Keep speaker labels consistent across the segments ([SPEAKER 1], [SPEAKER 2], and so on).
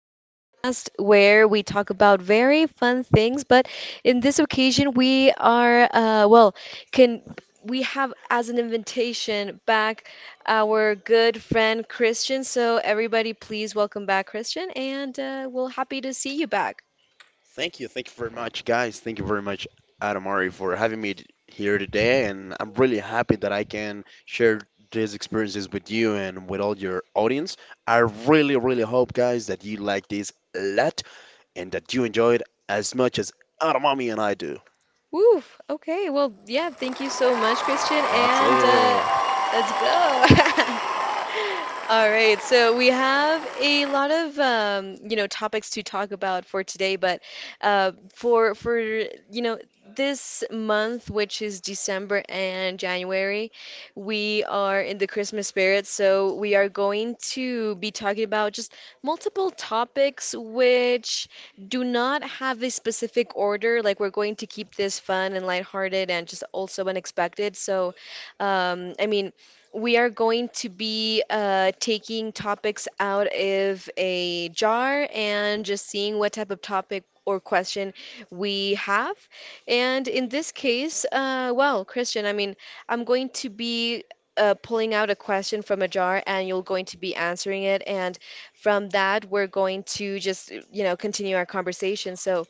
[SPEAKER 1] podcast, where we talk about very fun things. But in this occasion, can we have as an invitation back our good friend Christian? So everybody, please welcome back Christian, and we're happy to see you back.
[SPEAKER 2] Thank you. Thank you very much, guys. Thank you very much, Adamari, for having here today. And I'm really happy that I can share these experiences with you and with all your audience. I really, really hope, guys, that you like this a lot and that you enjoy it as much as Adamami and I do.
[SPEAKER 1] Woo! Okay, yeah, thank you so much, Christian, and
[SPEAKER 2] That's it.
[SPEAKER 1] let's go. All right, so we have a lot of topics to talk about for today, but for you know this month, which is December and January, we are in the Christmas spirit, so we are going to be talking about just multiple topics, which do not have a specific order. Like, we're going to keep this fun and lighthearted and just also unexpected. So, um, I mean, we are going to be taking topics out of a jar and just seeing what type of topic or question we have. And in this case, Christian, I'm going to be. Pulling out a question from a jar and you're going to be answering it. And from that, we're going to just, you know, continue our conversation. So,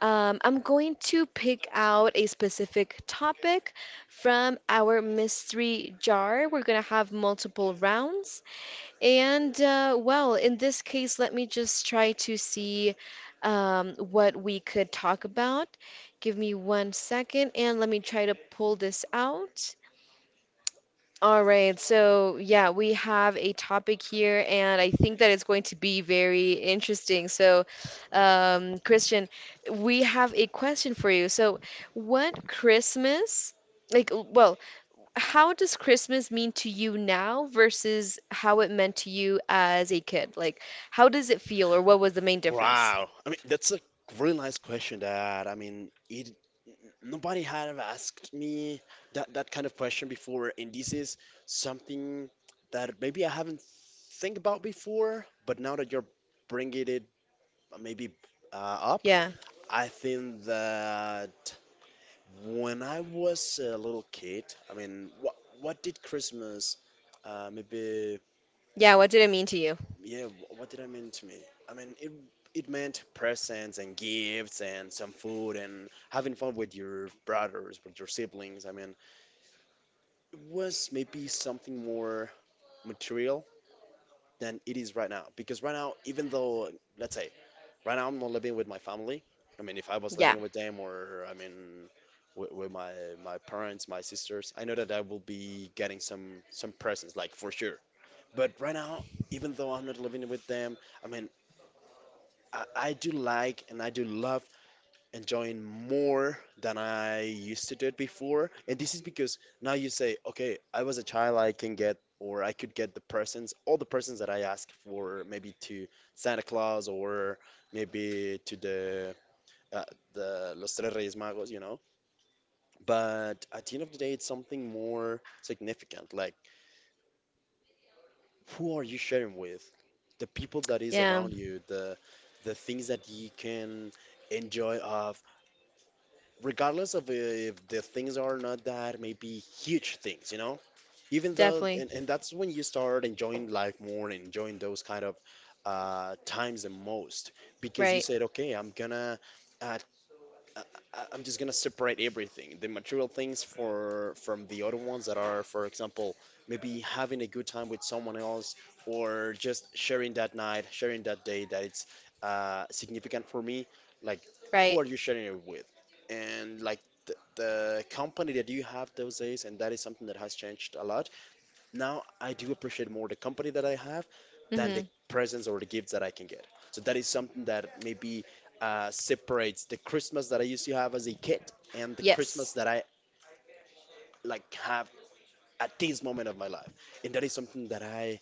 [SPEAKER 1] um, I'm going to pick out a specific topic from our mystery jar. We're going to have multiple rounds. And, in this case, let me just try to see what we could talk about. Give me 1 second and let me try to pull this out. All right, so yeah, we have a topic here, and I think that it's going to be very interesting. So, Christian, we have a question for you. So, what Christmas, like, l- well, how does Christmas mean to you now versus how it meant to you as a kid? Like, how does it feel, or what was the main difference?
[SPEAKER 2] Wow. I mean, that's a really nice question that, I mean, it nobody had asked me that kind of question before, and this is something that maybe I haven't think about before, but now that you're bringing it maybe up,
[SPEAKER 1] Yeah,
[SPEAKER 2] I think that when I was a little kid. I mean, what did Christmas uh, maybe
[SPEAKER 1] yeah, what did it mean to you?
[SPEAKER 2] what did I mean to me? I mean, it meant presents and gifts and some food and having fun with your brothers, with your siblings. I mean, it was maybe something more material than it is right now. Because right now, even though, let's say, right now I'm not living with my family. I mean, if I was
[SPEAKER 1] Yeah,
[SPEAKER 2] living with them, or I mean, with my my parents, my sisters, I know that I will be getting some presents, like for sure. But right now, even though I'm not living with them, I mean, I do like and I do love enjoying more than I used to do it before. And this is because now you say, okay, I was a child, I can get, or I could get the presents, all the presents that I ask for, maybe to Santa Claus, or maybe to uh, the Los Tres Reyes Magos, you know. But at the end of the day, it's something more significant. Like, who are you sharing with? The people that is
[SPEAKER 1] yeah,
[SPEAKER 2] around you, the things that you can enjoy of, regardless of if the things are not that maybe huge things, you know, even though,
[SPEAKER 1] definitely.
[SPEAKER 2] and that's when you start enjoying life more and enjoying those kind of times the most. Because you
[SPEAKER 1] Right,
[SPEAKER 2] said, okay, I'm gonna uh, I, I'm just gonna separate everything, the material things for from the other ones that are, for example, maybe having a good time with someone else, or just sharing that night, sharing that day that it's significant for me. Like,
[SPEAKER 1] right.
[SPEAKER 2] who are you sharing it with? And like the company that you have those days, and that is something that has changed a lot. Now I do appreciate more the company that I have than
[SPEAKER 1] Mm-hmm.
[SPEAKER 2] the presents or the gifts that I can get. So that is something that maybe separates the Christmas that I used to have as a kid and the Christmas
[SPEAKER 1] Yes.
[SPEAKER 2] that I like have at this moment of my life. And that is something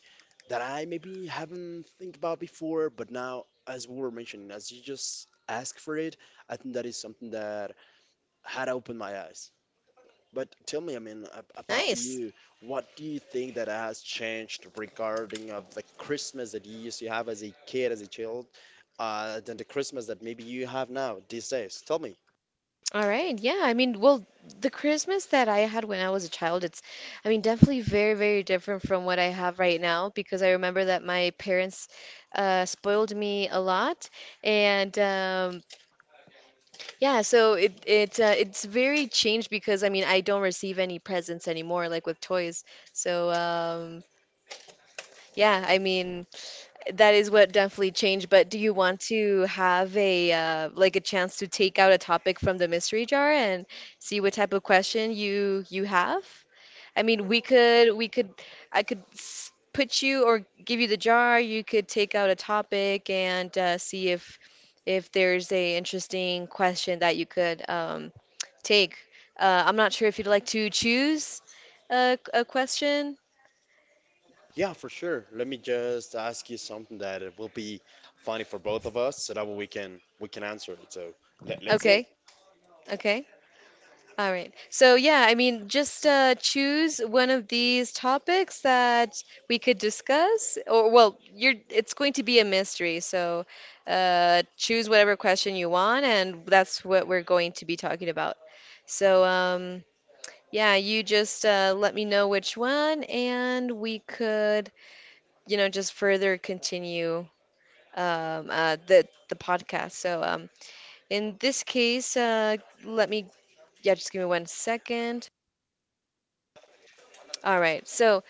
[SPEAKER 2] that I maybe haven't think about before, but now as we were mentioning, as you just ask for it, I think that is something that had opened my eyes. But tell me, I mean, about
[SPEAKER 1] Nice.
[SPEAKER 2] you, what do you think that has changed regarding of the Christmas that you used to have as a kid, as a child, than the Christmas that maybe you have now these days? Tell me.
[SPEAKER 1] All right. Yeah. The Christmas that I had when I was a child, I mean, definitely very different from what I have right now because I remember that my parents spoiled me a lot, and yeah, so it's very changed because I mean, I don't receive any presents anymore, like with toys. So um, yeah, I mean. That is what definitely changed, but do you want to have a like a chance to take out a topic from the mystery jar and see what type of question you have? I mean, we could I could put you or give you the jar. You could take out a topic and see if there's a interesting question that you could take. I'm not sure if you'd like to choose a question.
[SPEAKER 2] Yeah, for sure. Let me just ask you something that it will be funny for both of us, so that way we can answer it. So let's see.
[SPEAKER 1] Okay, okay. All right. So, yeah, just choose one of these topics that we could discuss, or well, you're it's going to be a mystery. So, choose whatever question you want, and that's what we're going to be talking about. So, yeah, you just let me know which one, and we could, you know, just further continue the podcast. So, in this case, let me, yeah, just give me 1 second. All right. So,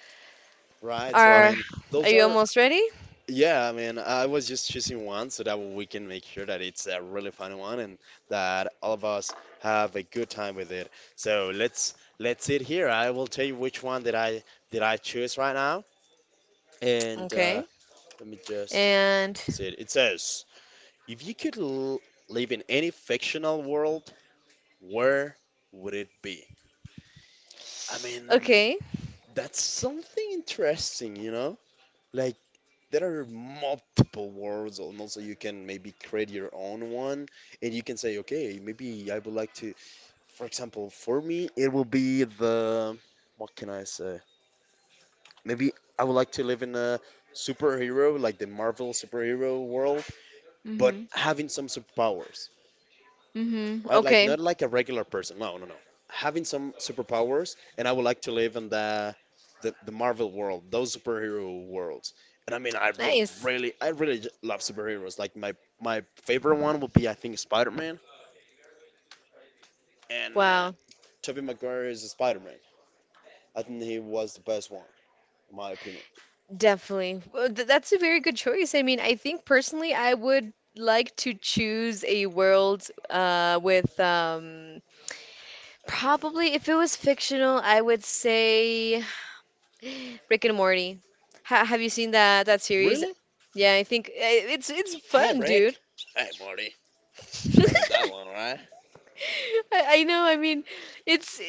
[SPEAKER 2] Right. So I
[SPEAKER 1] are
[SPEAKER 2] mean,
[SPEAKER 1] are
[SPEAKER 2] those
[SPEAKER 1] you
[SPEAKER 2] are
[SPEAKER 1] almost ready?
[SPEAKER 2] Yeah, I mean, I was just choosing one so that we can make sure that it's a really fun one and that all of us have a good time with it. So let's sit here. I will tell you which one that I choose right now, and
[SPEAKER 1] Okay.
[SPEAKER 2] let me just
[SPEAKER 1] And
[SPEAKER 2] see it. It says, if you could l live in any fictional world, where would it be? I mean,
[SPEAKER 1] okay.
[SPEAKER 2] that's something interesting, you know? Like, there are multiple worlds, and also you can maybe create your own one, and you can say, okay, maybe I would like to, for example, for me it will be the, what can I say, maybe I would like to live in a superhero, like the Marvel superhero world, but
[SPEAKER 1] Mhm.
[SPEAKER 2] having some superpowers.
[SPEAKER 1] Mhm.
[SPEAKER 2] I like,
[SPEAKER 1] Okay.
[SPEAKER 2] not like a regular person. No, no, no. Having some superpowers, and I would like to live in the Marvel world, those superhero worlds. And I mean, I would
[SPEAKER 1] Nice.
[SPEAKER 2] really, love superheroes. Like my favorite one would be, I think, Spider-Man, and
[SPEAKER 1] Wow.
[SPEAKER 2] Tobey Maguire is a Spider-Man. I think he was the best one, in my opinion.
[SPEAKER 1] Definitely. Well, that's a very good choice. I mean, I think personally I would like to choose a world with probably if it was fictional, I would say Rick and Morty. Ha have you seen that that series?
[SPEAKER 2] Really?
[SPEAKER 1] Yeah, I think it's
[SPEAKER 2] Hey,
[SPEAKER 1] fun, dude.
[SPEAKER 2] Rick. Hey, Morty. I mean that one, right?
[SPEAKER 1] I know. I mean, it's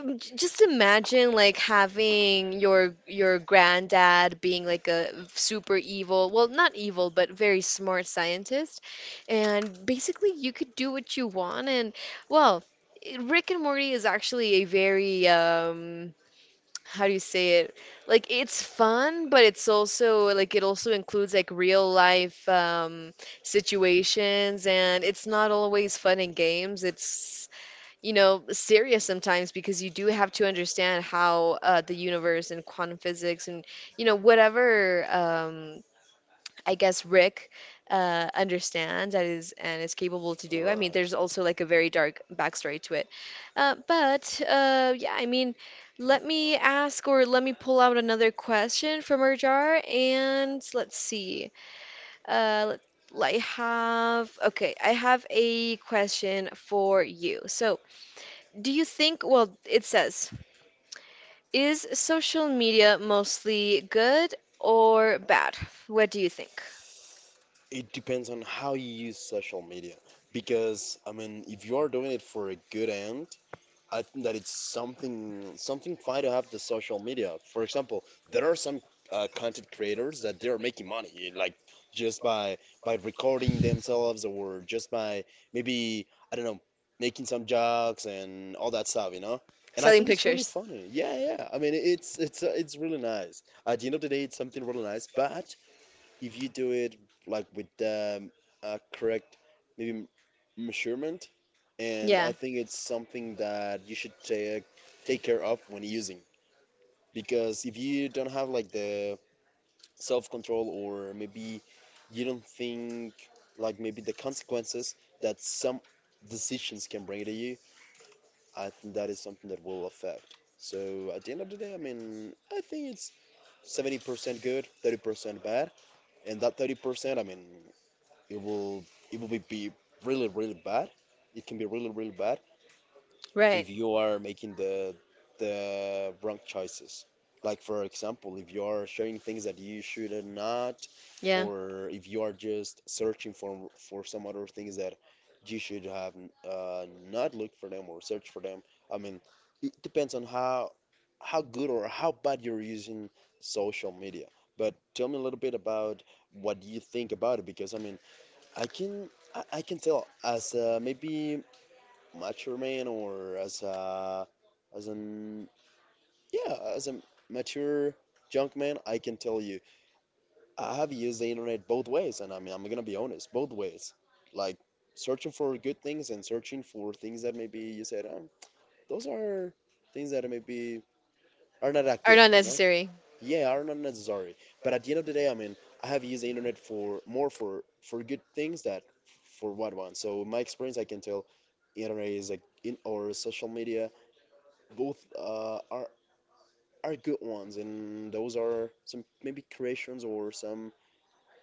[SPEAKER 1] just imagine like having your granddad being like a super evil, well, not evil, but very smart scientist, and basically you could do what you want. And well, Rick and Morty is actually a very how do you say it? Like it's fun, but it's also like it also includes like real life situations and it's not always fun and games. It's you know, serious sometimes because you do have to understand how the universe and quantum physics and, you know, whatever I guess Rick understands that is and is capable to
[SPEAKER 2] All
[SPEAKER 1] do. I mean,
[SPEAKER 2] right.
[SPEAKER 1] there's also like a very dark backstory to it. But yeah, I mean, let me ask or let me pull out another question from our jar and let's see. Uh, let- I have, okay, I have a question for you. So, do you think, well, it says, is social media mostly good or bad? What do you think?
[SPEAKER 2] It depends on how you use social media. Because, I mean, if you are doing it for a good end, I think that it's something fine to have the social media. For example, there are some content creators that they are making money, like just by recording themselves or just by maybe, I don't know, making some jokes and all that stuff, you know? And I
[SPEAKER 1] Selling
[SPEAKER 2] think it's really
[SPEAKER 1] pictures.
[SPEAKER 2] funny. Yeah, yeah. I mean, it's really nice. At the end of the day, it's something really nice, but if you do it like with a correct maybe measurement, and I
[SPEAKER 1] Yeah,
[SPEAKER 2] think it's something that you should take take care of when using, because if you don't have like the self control, or maybe you don't think like maybe the consequences that some decisions can bring to you, I think that is something that will affect. So at the end of the day, I mean, I think it's 70% good, 30% bad, and that 30%, I mean, it will it will be really really bad. It can be really really bad
[SPEAKER 1] right.
[SPEAKER 2] if you are making the wrong choices. Like for example, if you are sharing things that you should not,
[SPEAKER 1] Yeah.
[SPEAKER 2] or if you are just searching for some other things that you should have uh, not looked for them or search for them. I mean, it depends on how good or how bad you're using social media. But tell me a little bit about what you think about it, because I mean, I can I can tell as a maybe mature man, or as a as an, yeah, as a mature junk man, I can tell you, I have used the internet both ways, and I mean, I'm gonna be honest, both ways, like searching for good things and searching for things that maybe you said, those are things that maybe are not that
[SPEAKER 1] Are
[SPEAKER 2] good,
[SPEAKER 1] not
[SPEAKER 2] you know.
[SPEAKER 1] necessary.
[SPEAKER 2] Yeah, are not necessary. But at the end of the day, I mean, I have used the internet for more for good things that for what one. So in my experience I can tell, internet is like, in or social media, both are good ones, and those are some maybe creations or some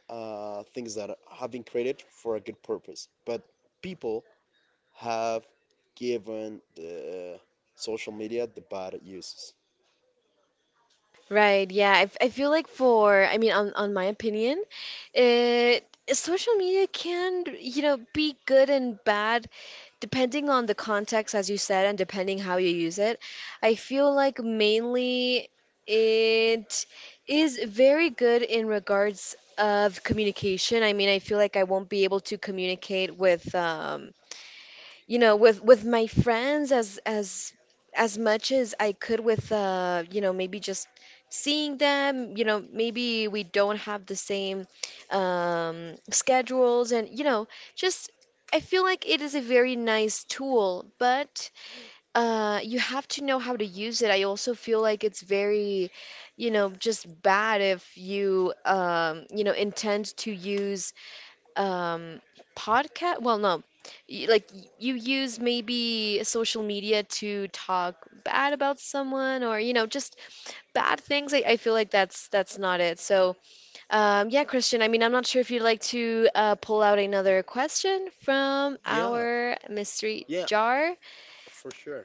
[SPEAKER 2] things that have been created for a good purpose, but people have given the social media the bad uses.
[SPEAKER 1] Right, yeah. I feel like I mean, on my opinion, it, social media can, you know, be good and bad depending on the context, as you said, and depending how you use it. I feel like mainly it is very good in regards of communication. I mean, I feel like I won't be able to communicate with, you know with my friends as much as I could with you know maybe just seeing them you know maybe we don't have the same schedules and you know just I feel like it is a very nice tool but you have to know how to use it. I also feel like it's very you know just bad if you you know intend to use um podcast well no you use maybe social media to talk bad about someone or you know just bad things. I feel like that's not it so yeah Christian I mean I'm not sure if you'd like to pull out another question from
[SPEAKER 2] Yeah,
[SPEAKER 1] our mystery
[SPEAKER 2] yeah,
[SPEAKER 1] jar.
[SPEAKER 2] for sure.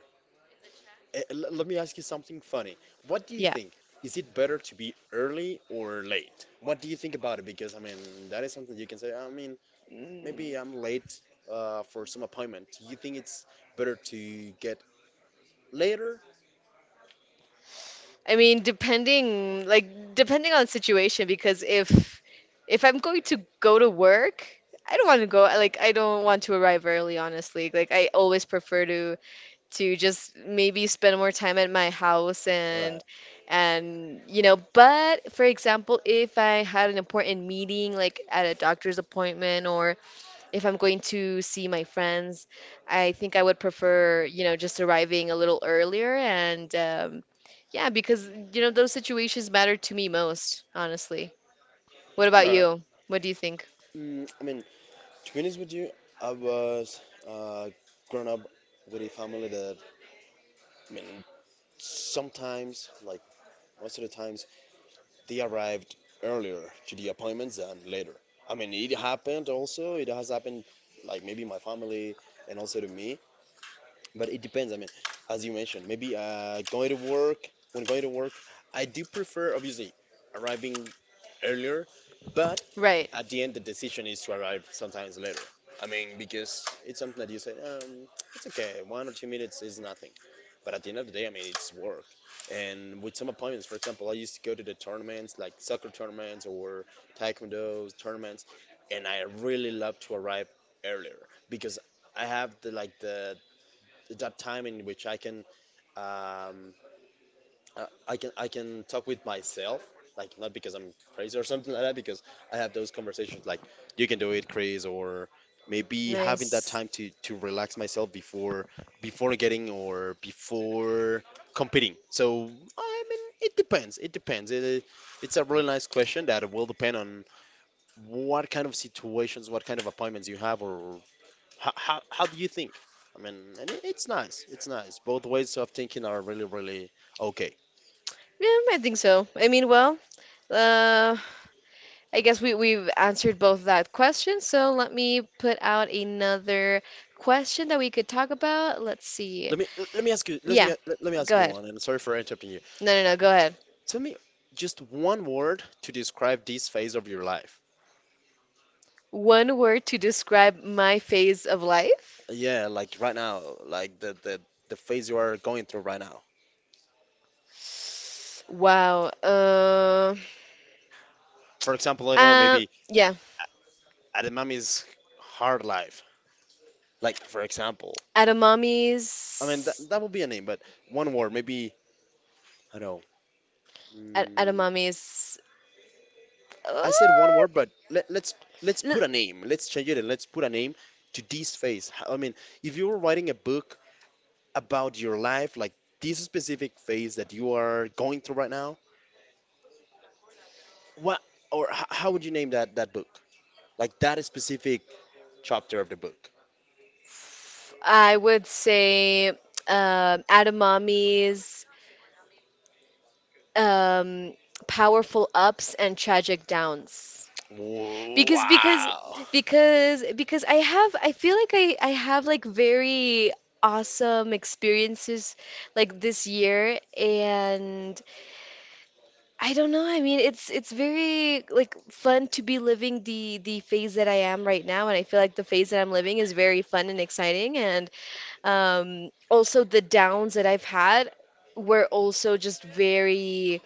[SPEAKER 2] Let me ask you something funny. What do you
[SPEAKER 1] Yeah,
[SPEAKER 2] think, is it better to be early or late? What do you think about it? Because I mean, that is something you can say, I mean, maybe I'm late for some appointment. You think it's better to get later?
[SPEAKER 1] I mean, depending on the situation because if I'm going to go to work, I don't want to go like I don't want to arrive early, honestly. Like I always prefer to just maybe spend more time at my house
[SPEAKER 2] All right,
[SPEAKER 1] and you know, but for example, if I had an important meeting like at a doctor's appointment or if I'm going to see my friends, I think I would prefer, you know, just arriving a little earlier and yeah, because you know those situations matter to me most, honestly. What
[SPEAKER 2] all
[SPEAKER 1] about
[SPEAKER 2] right.
[SPEAKER 1] you? What do you think?
[SPEAKER 2] Mm, I mean, to be honest with you, I was uh, grown up with a family that, I mean, sometimes, like most of the times, they arrived earlier to the appointments than later. I mean, it happened also. It has happened, like maybe my family and also to me. But it depends. I mean, as you mentioned, maybe going to work. When going to work, I do prefer obviously arriving earlier, but
[SPEAKER 1] Right.
[SPEAKER 2] at the end the decision is to arrive sometimes later. I mean, because it's something that you say, it's okay, 1 or 2 minutes is nothing. But at the end of the day, I mean, it's work. And with some appointments, for example, I used to go to the tournaments, like soccer tournaments or taekwondo tournaments, and I really love to arrive earlier, because I have the like the that time in which I can um, I can talk with myself, like, not because I'm crazy or something like that, because I have those conversations like, you can do it, Chris, or maybe having that
[SPEAKER 1] Nice.
[SPEAKER 2] time to relax myself before before getting or before competing. So I mean, it depends, it's a really nice question that will depend on what kind of situations, what kind of appointments you have, or how do you think? I mean, and it's nice. It's nice. Both ways of thinking are really, really okay.
[SPEAKER 1] Yeah, I think so. I mean, well, uh, I guess we we've answered both that question, so let me put out another question that we could talk about. Let's see.
[SPEAKER 2] Let me let me ask you. Let
[SPEAKER 1] Yeah,
[SPEAKER 2] me let me
[SPEAKER 1] go
[SPEAKER 2] ask you
[SPEAKER 1] ahead.
[SPEAKER 2] one. And sorry for interrupting you.
[SPEAKER 1] No, go ahead.
[SPEAKER 2] Tell me just one word to describe this phase of your life.
[SPEAKER 1] One word to describe my phase of life?
[SPEAKER 2] Yeah, like right now, like the the phase you are going through right now.
[SPEAKER 1] Wow.
[SPEAKER 2] For example, I don't know,
[SPEAKER 1] Uh,
[SPEAKER 2] maybe
[SPEAKER 1] yeah.
[SPEAKER 2] Ademami's hard life. Like for example,
[SPEAKER 1] At a
[SPEAKER 2] I mean that
[SPEAKER 1] mommy's.
[SPEAKER 2] that would be a name, but one word maybe. I don't know.
[SPEAKER 1] At a
[SPEAKER 2] Mm,
[SPEAKER 1] mommy's. Uh,
[SPEAKER 2] I said one word, but let's
[SPEAKER 1] l-
[SPEAKER 2] put a name. Let's change it and let's put a name to this phase. I mean, if you were writing a book about your life, like this specific phase that you are going through right now, what or how would you name that book? Like that specific chapter of the book.
[SPEAKER 1] I would say Adamami's um, powerful ups and tragic downs. Because because
[SPEAKER 2] Wow.
[SPEAKER 1] because I feel like I have like very awesome experiences like this year and I don't know I mean it's very like fun to be living the phase that I am right now and I feel like the phase that I'm living is very fun and exciting and also the downs that I've had were also just very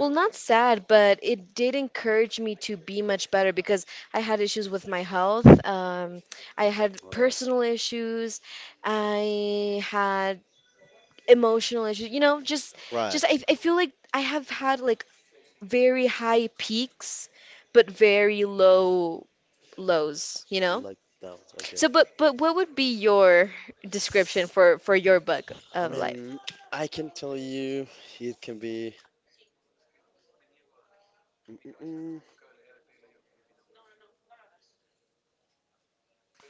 [SPEAKER 1] well, not sad, but it did encourage me to be much better because I had issues with my health. I had
[SPEAKER 2] Right.
[SPEAKER 1] personal issues. I had emotional issues. You know,
[SPEAKER 2] Right.
[SPEAKER 1] just I feel like I have had like very high peaks, but very low lows. You know.
[SPEAKER 2] Like that. Okay.
[SPEAKER 1] So, but what would be your description for your book
[SPEAKER 2] I
[SPEAKER 1] of life?
[SPEAKER 2] mean, I can tell you, it can be.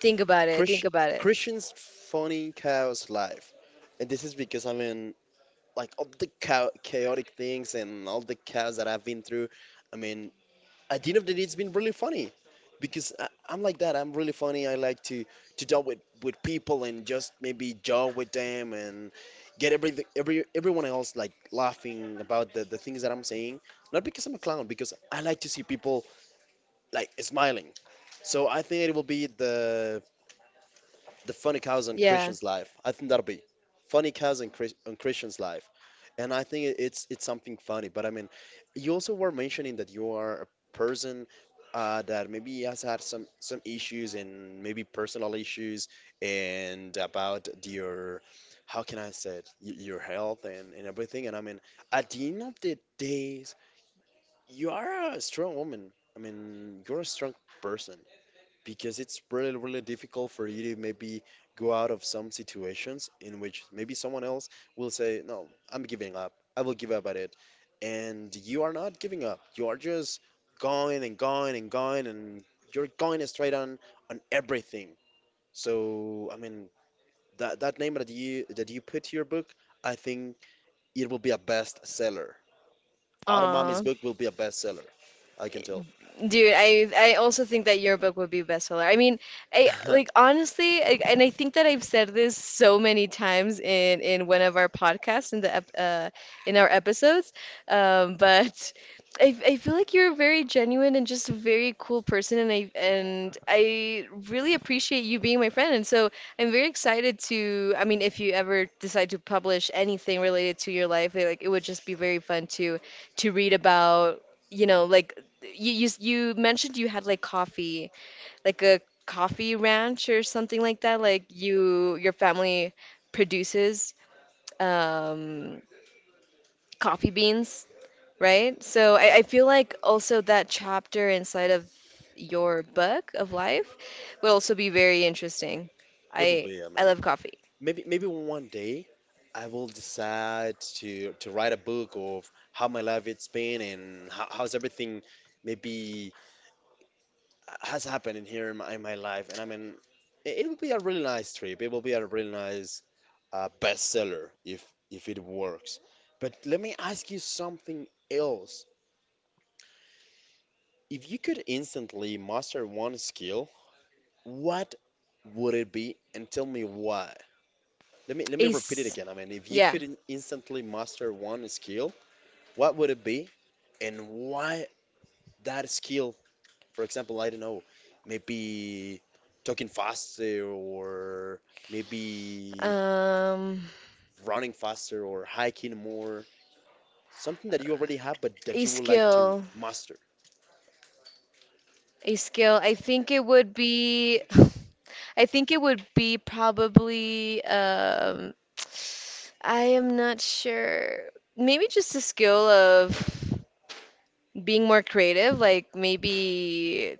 [SPEAKER 1] Think about it.
[SPEAKER 2] Christ-
[SPEAKER 1] Think about it.
[SPEAKER 2] Christian's funny chaos life, and this is because, I mean, like all the chaotic things and all the chaos that I've been through. I mean, at the end of the day, it's been really funny because I'm like that. I'm really funny. I like to talk with people and just maybe joke with them and get every everyone else like laughing about the things that I'm saying. Not because I'm a clown, because I like to see people like smiling. So I think it will be the funny cows on
[SPEAKER 1] Yeah.
[SPEAKER 2] Christian's life. I think that'll be funny cows on, Chris, on Christian's life, and I think it's something funny. But I mean, you also were mentioning that you are a person, that maybe has had some issues and maybe personal issues and about your, how can I say it? Your health and everything. And I mean, at the end of the days, you are a strong woman. I mean, you're a strong person, because it's really, really difficult for you to maybe go out of some situations in which maybe someone else will say, "No, I'm giving up. I will give up at it." And you are not giving up. You are just going and going and going, and you're going straight on everything. So, I mean, that that name that you put to your book, I think it will be a bestseller. Automami's
[SPEAKER 1] Aw.
[SPEAKER 2] book will be a bestseller. I can tell.
[SPEAKER 1] Dude, I also think that your book would be a bestseller. I mean, I like honestly, and I think that I've said this so many times in one of our podcasts in the ep in our episodes, but I feel like you're a very genuine and just a very cool person, and I really appreciate you being my friend, and so I'm very excited to. I mean, if you ever decide to publish anything related to your life, like it would just be very fun to read about you know, like you you mentioned you had like coffee, like a coffee ranch or something like that. Like you, your family produces um, coffee beans, right? So
[SPEAKER 2] Uh,
[SPEAKER 1] I feel like also that chapter inside of your book of life would also be very interesting.
[SPEAKER 2] it will
[SPEAKER 1] I
[SPEAKER 2] be, I
[SPEAKER 1] I
[SPEAKER 2] mean.
[SPEAKER 1] love coffee.
[SPEAKER 2] Maybe maybe one day I will decide to write a book of how my life it's been and how, how's everything maybe has happened in here in my life. And I mean, it will be a really nice trip. It will be a really nice bestseller if it works. But let me ask you something else. If you could instantly master one skill, what would it be? And tell me why. Let me repeat it
[SPEAKER 1] Ace,
[SPEAKER 2] again. I mean, if you
[SPEAKER 1] yeah.
[SPEAKER 2] could instantly master one skill, what would it be and why that skill? For example, I don't know, maybe talking faster or maybe
[SPEAKER 1] Um,
[SPEAKER 2] running faster or hiking more. Something that you already have but
[SPEAKER 1] a
[SPEAKER 2] that you would like to
[SPEAKER 1] skill.
[SPEAKER 2] master.
[SPEAKER 1] A skill, I think it would be, I think it would be probably, I am not sure. Maybe just a skill of being more creative, like maybe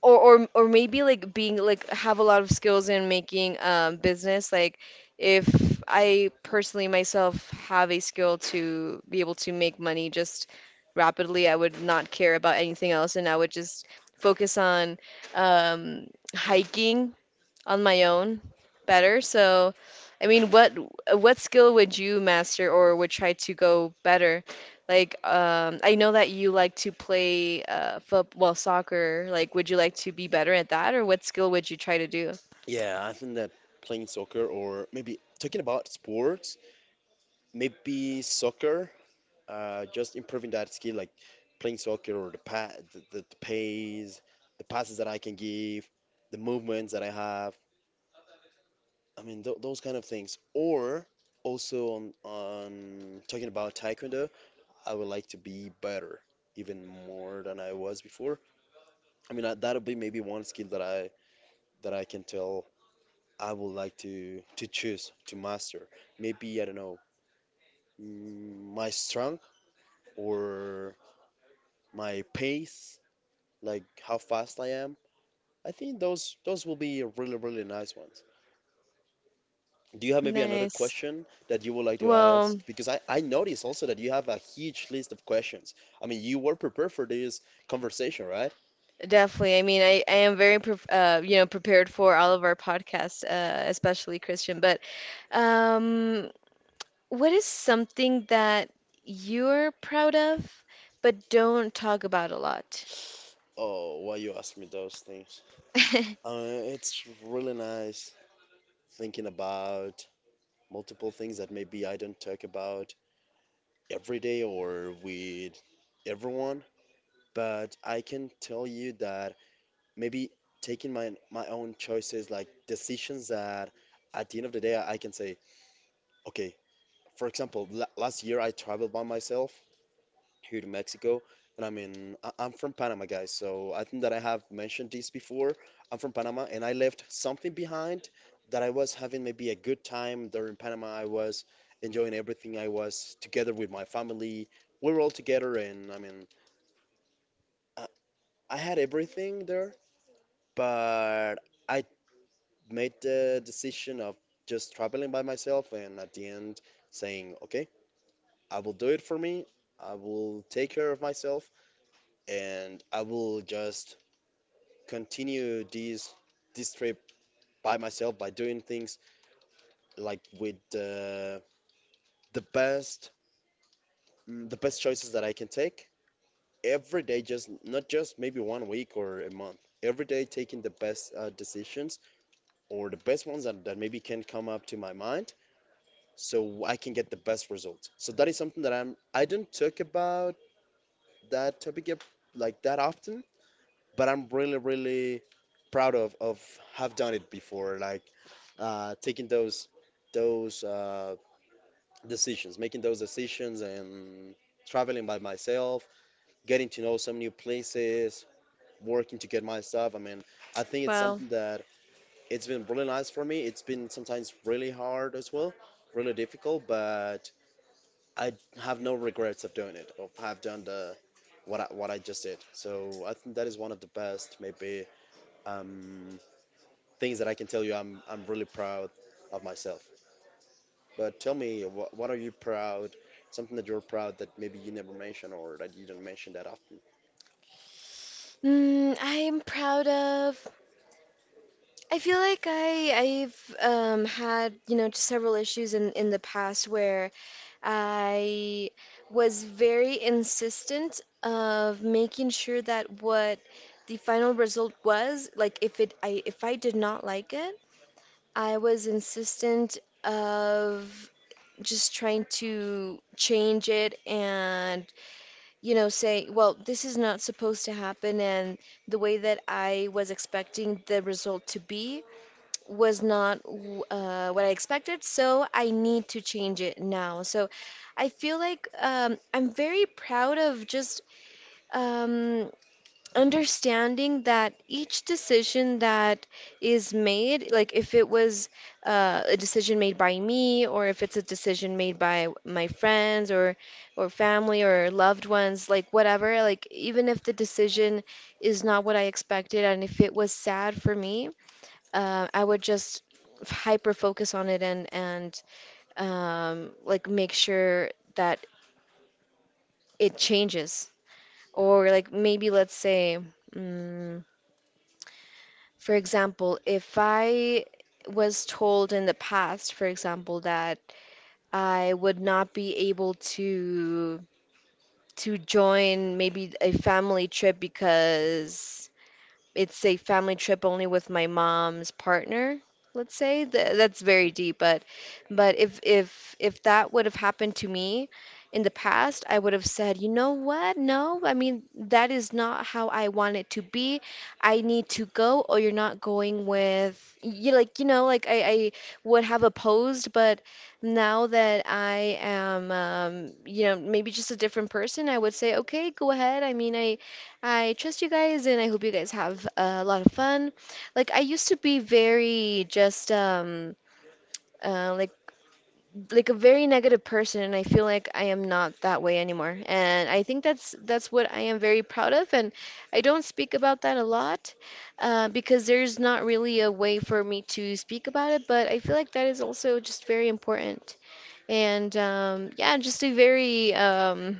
[SPEAKER 1] or or maybe like being like have a lot of skills in making business like if I personally myself have a skill to be able to make money just rapidly, I would not care about anything else, and I would just focus on um hiking on my own better. So, I mean, what skill would you master, or would try to go better? Like, I know that you like to play football, soccer. Like, would you like to be better at that, or what skill would you try to do?
[SPEAKER 2] Yeah, I think that playing soccer or maybe talking about sports, maybe soccer, just improving that skill like playing soccer or the, the, the pace, the passes that I can give, the movements that I have. I mean, th those kind of things. Or also on talking about taekwondo, I would like to be better, even more than I was before. I mean, I, that'll be maybe one skill that I can tell I would like to choose to master. Maybe I don't know, my strength or my pace, like how fast I am. I think those will be really really nice ones. Do you have maybe another
[SPEAKER 1] Nice.
[SPEAKER 2] question that you would like to ask?
[SPEAKER 1] Well,
[SPEAKER 2] Because I noticed also that you have a huge list of questions. I mean, you were prepared for this conversation, right?
[SPEAKER 1] definitely. I mean, I am very you know, prepared for all of our podcasts, especially Christian. But um, what is something that you're proud of but don't talk about a lot?
[SPEAKER 2] Oh, why you ask me those things? It's really nice thinking about multiple things that maybe I don't talk about every day or with everyone, but I can tell you that maybe taking my my own choices, like decisions that at the end of the day I can say, okay. For example, la last year I traveled by myself here to Mexico, and I mean, I I'm from Panama, guys, so I think that I have mentioned this before. I'm from Panama, and I left something behind that I was having maybe a good time there in Panama. I was enjoying everything. I was together with my family. We were all together, and I mean, I, I had everything there, but I made the decision of just traveling by myself, and at the end, saying, okay. I will do it for me. I will take care of myself and I will just continue this this trip by myself by doing things like with, the best, the best choices that I can take every day, just not just maybe one week or a month, every day taking the best decisions, or the best ones that, that maybe can come up to my mind, so I can get the best result. So that is something that I don't talk about, that topic, like that often, but I'm really, really proud of have done it before, like, taking those decisions, making those decisions, and traveling by myself, getting to know some new places, working to get my stuff. I mean, I think it's
[SPEAKER 1] Well,
[SPEAKER 2] something that it's been really nice for me. It's been sometimes really hard as well, really difficult, but I have no regrets of doing it, of have done the what I just did. So I think that is one of the best maybe um, things that I can tell you I'm really proud of myself. But tell me, what are you proud? Something that you're proud that maybe you never mention or that you don't mention that often.
[SPEAKER 1] I'm proud of. I feel like I've had, you know, just several issues in the past where I was very insistent of making sure that what the final result was, like if I did not like it, I was insistent of just trying to change it, and, you know, say, well, this is not supposed to happen, and the way that I was expecting the result to be was not what I expected, so I need to change it now. So I feel like I'm very proud of just um, understanding that each decision that is made, like if it was a decision made by me, or if it's a decision made by my friends or family or loved ones, like whatever, like even if the decision is not what I expected, and if it was sad for me, I would just hyper focus on it, and like make sure that it changes, or like maybe let's say. mm, For example, if I was told in the past, for example, that I would not be able to join maybe a family trip because it's a family trip only with my mom's partner, let's say. Th That's very
[SPEAKER 2] Okay.
[SPEAKER 1] deep, but if if that would have happened to me in the past, I would have said, you know what, no. I mean, that is not how I want it to be. I need to go, or you're not going with you, like, you know, like I would have opposed. But now that I am, you know, maybe just a different person, I would say, okay, go ahead. I mean, I trust you guys, and I hope you guys have a lot of fun. Like, I used to be very just uh, like like a very negative person, and I feel like I am not that way anymore. And I think that's what I am very proud of, and I don't speak about that a lot because there's not really a way for me to speak about it, but I feel like that is also just very important. And yeah, just a very um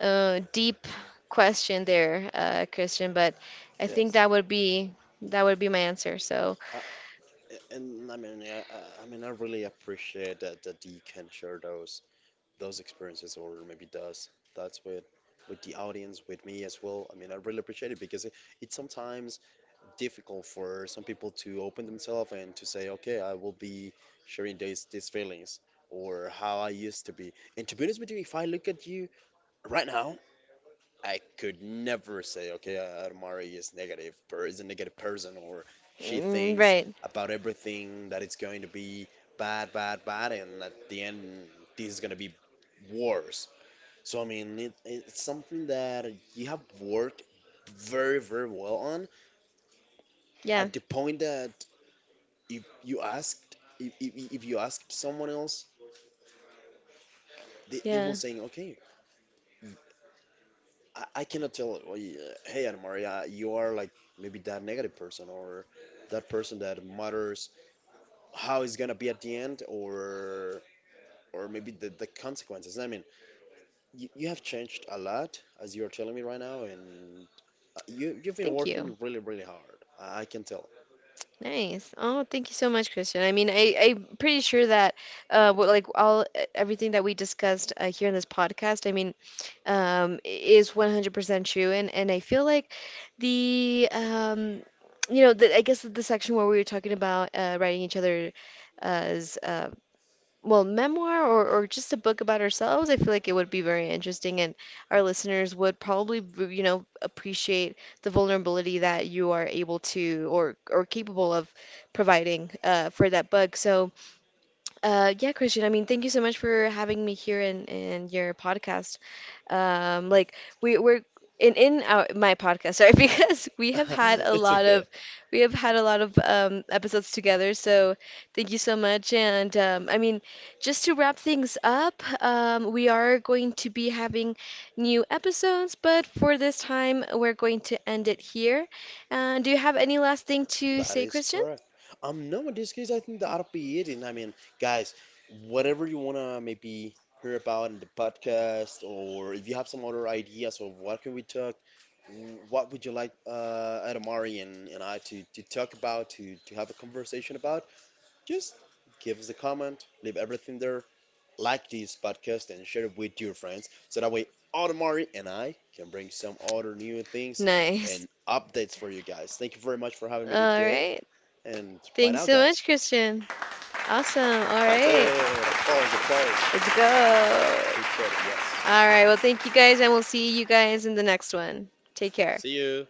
[SPEAKER 1] uh, deep question there, Christian, but I think
[SPEAKER 2] Yes.
[SPEAKER 1] that would be my answer. So,
[SPEAKER 2] Uh, and I mean, I, mean, I really appreciate that that you can share those experiences or maybe those thoughts with the audience, with me as well. I mean, I really appreciate it because it sometimes difficult for some people to open themselves and to say, okay, I will be sharing these feelings or how I used to be. And to be honest with you, if I look at you right now, I could never say, okay, Adamari is negative or is a negative person, or she
[SPEAKER 1] mm,
[SPEAKER 2] thinks
[SPEAKER 1] right.
[SPEAKER 2] about everything that it's going to be bad, bad, bad, and at the end this is gonna be worse. So I mean, it, it's something that you have worked very, very well on,
[SPEAKER 1] Yeah.
[SPEAKER 2] at the point that if you asked someone else, they will
[SPEAKER 1] Yeah.
[SPEAKER 2] saying okay, I cannot tell oh, yeah, hey Anna Maria you are like maybe that negative person or that person that matters how it's gonna be at the end or maybe the consequences. I mean you, you have changed a lot as you're telling me right now, and you, you've been
[SPEAKER 1] Thank you.
[SPEAKER 2] working really really hard. I can tell.
[SPEAKER 1] Nice. Oh, thank you so much, Christian. I mean, I, I'm pretty sure that like all everything that we discussed here in this podcast, I mean, is 100% true, and I feel like the you know, the, I guess the section where we were talking about writing each other's uh, well, memoir, or just a book about ourselves, I feel like it would be very interesting, and our listeners would probably, you know, appreciate the vulnerability that you are able to or capable of providing for that book. So, yeah, Christian. I mean, thank you so much for having me here in your podcast. Like we're in our my podcast, sorry, because we have had a
[SPEAKER 2] It's
[SPEAKER 1] lot
[SPEAKER 2] okay.
[SPEAKER 1] of we have had a lot of episodes together. So thank you so much. And I mean, just to wrap things up, we are going to be having new episodes, but for this time, we're going to end it here. Do you have any last thing to
[SPEAKER 2] That
[SPEAKER 1] say,
[SPEAKER 2] is
[SPEAKER 1] Christian?
[SPEAKER 2] correct. No, in this case, I think that'll be it. And I mean, guys, whatever you wanna maybe hear about in the podcast, or if you have some other ideas of what can we talk, what would you like, Adamari and I to talk about, to have a conversation about, just give us a comment, leave everything there, like this podcast, and share it with your friends. So that way, Adamari and I can bring some other new things and
[SPEAKER 1] Nice.
[SPEAKER 2] updates for you guys. Thank you very much for having me
[SPEAKER 1] All
[SPEAKER 2] today.
[SPEAKER 1] right.
[SPEAKER 2] And bye
[SPEAKER 1] Thanks
[SPEAKER 2] now,
[SPEAKER 1] so much,
[SPEAKER 2] guys.
[SPEAKER 1] Christian. Awesome. All
[SPEAKER 2] That's it.
[SPEAKER 1] right.
[SPEAKER 2] Applause, applause.
[SPEAKER 1] Let's go.
[SPEAKER 2] Appreciate
[SPEAKER 1] All
[SPEAKER 2] it. Yes.
[SPEAKER 1] right. Well, thank you guys, and we'll see you guys in the next one. Take care.
[SPEAKER 2] See you.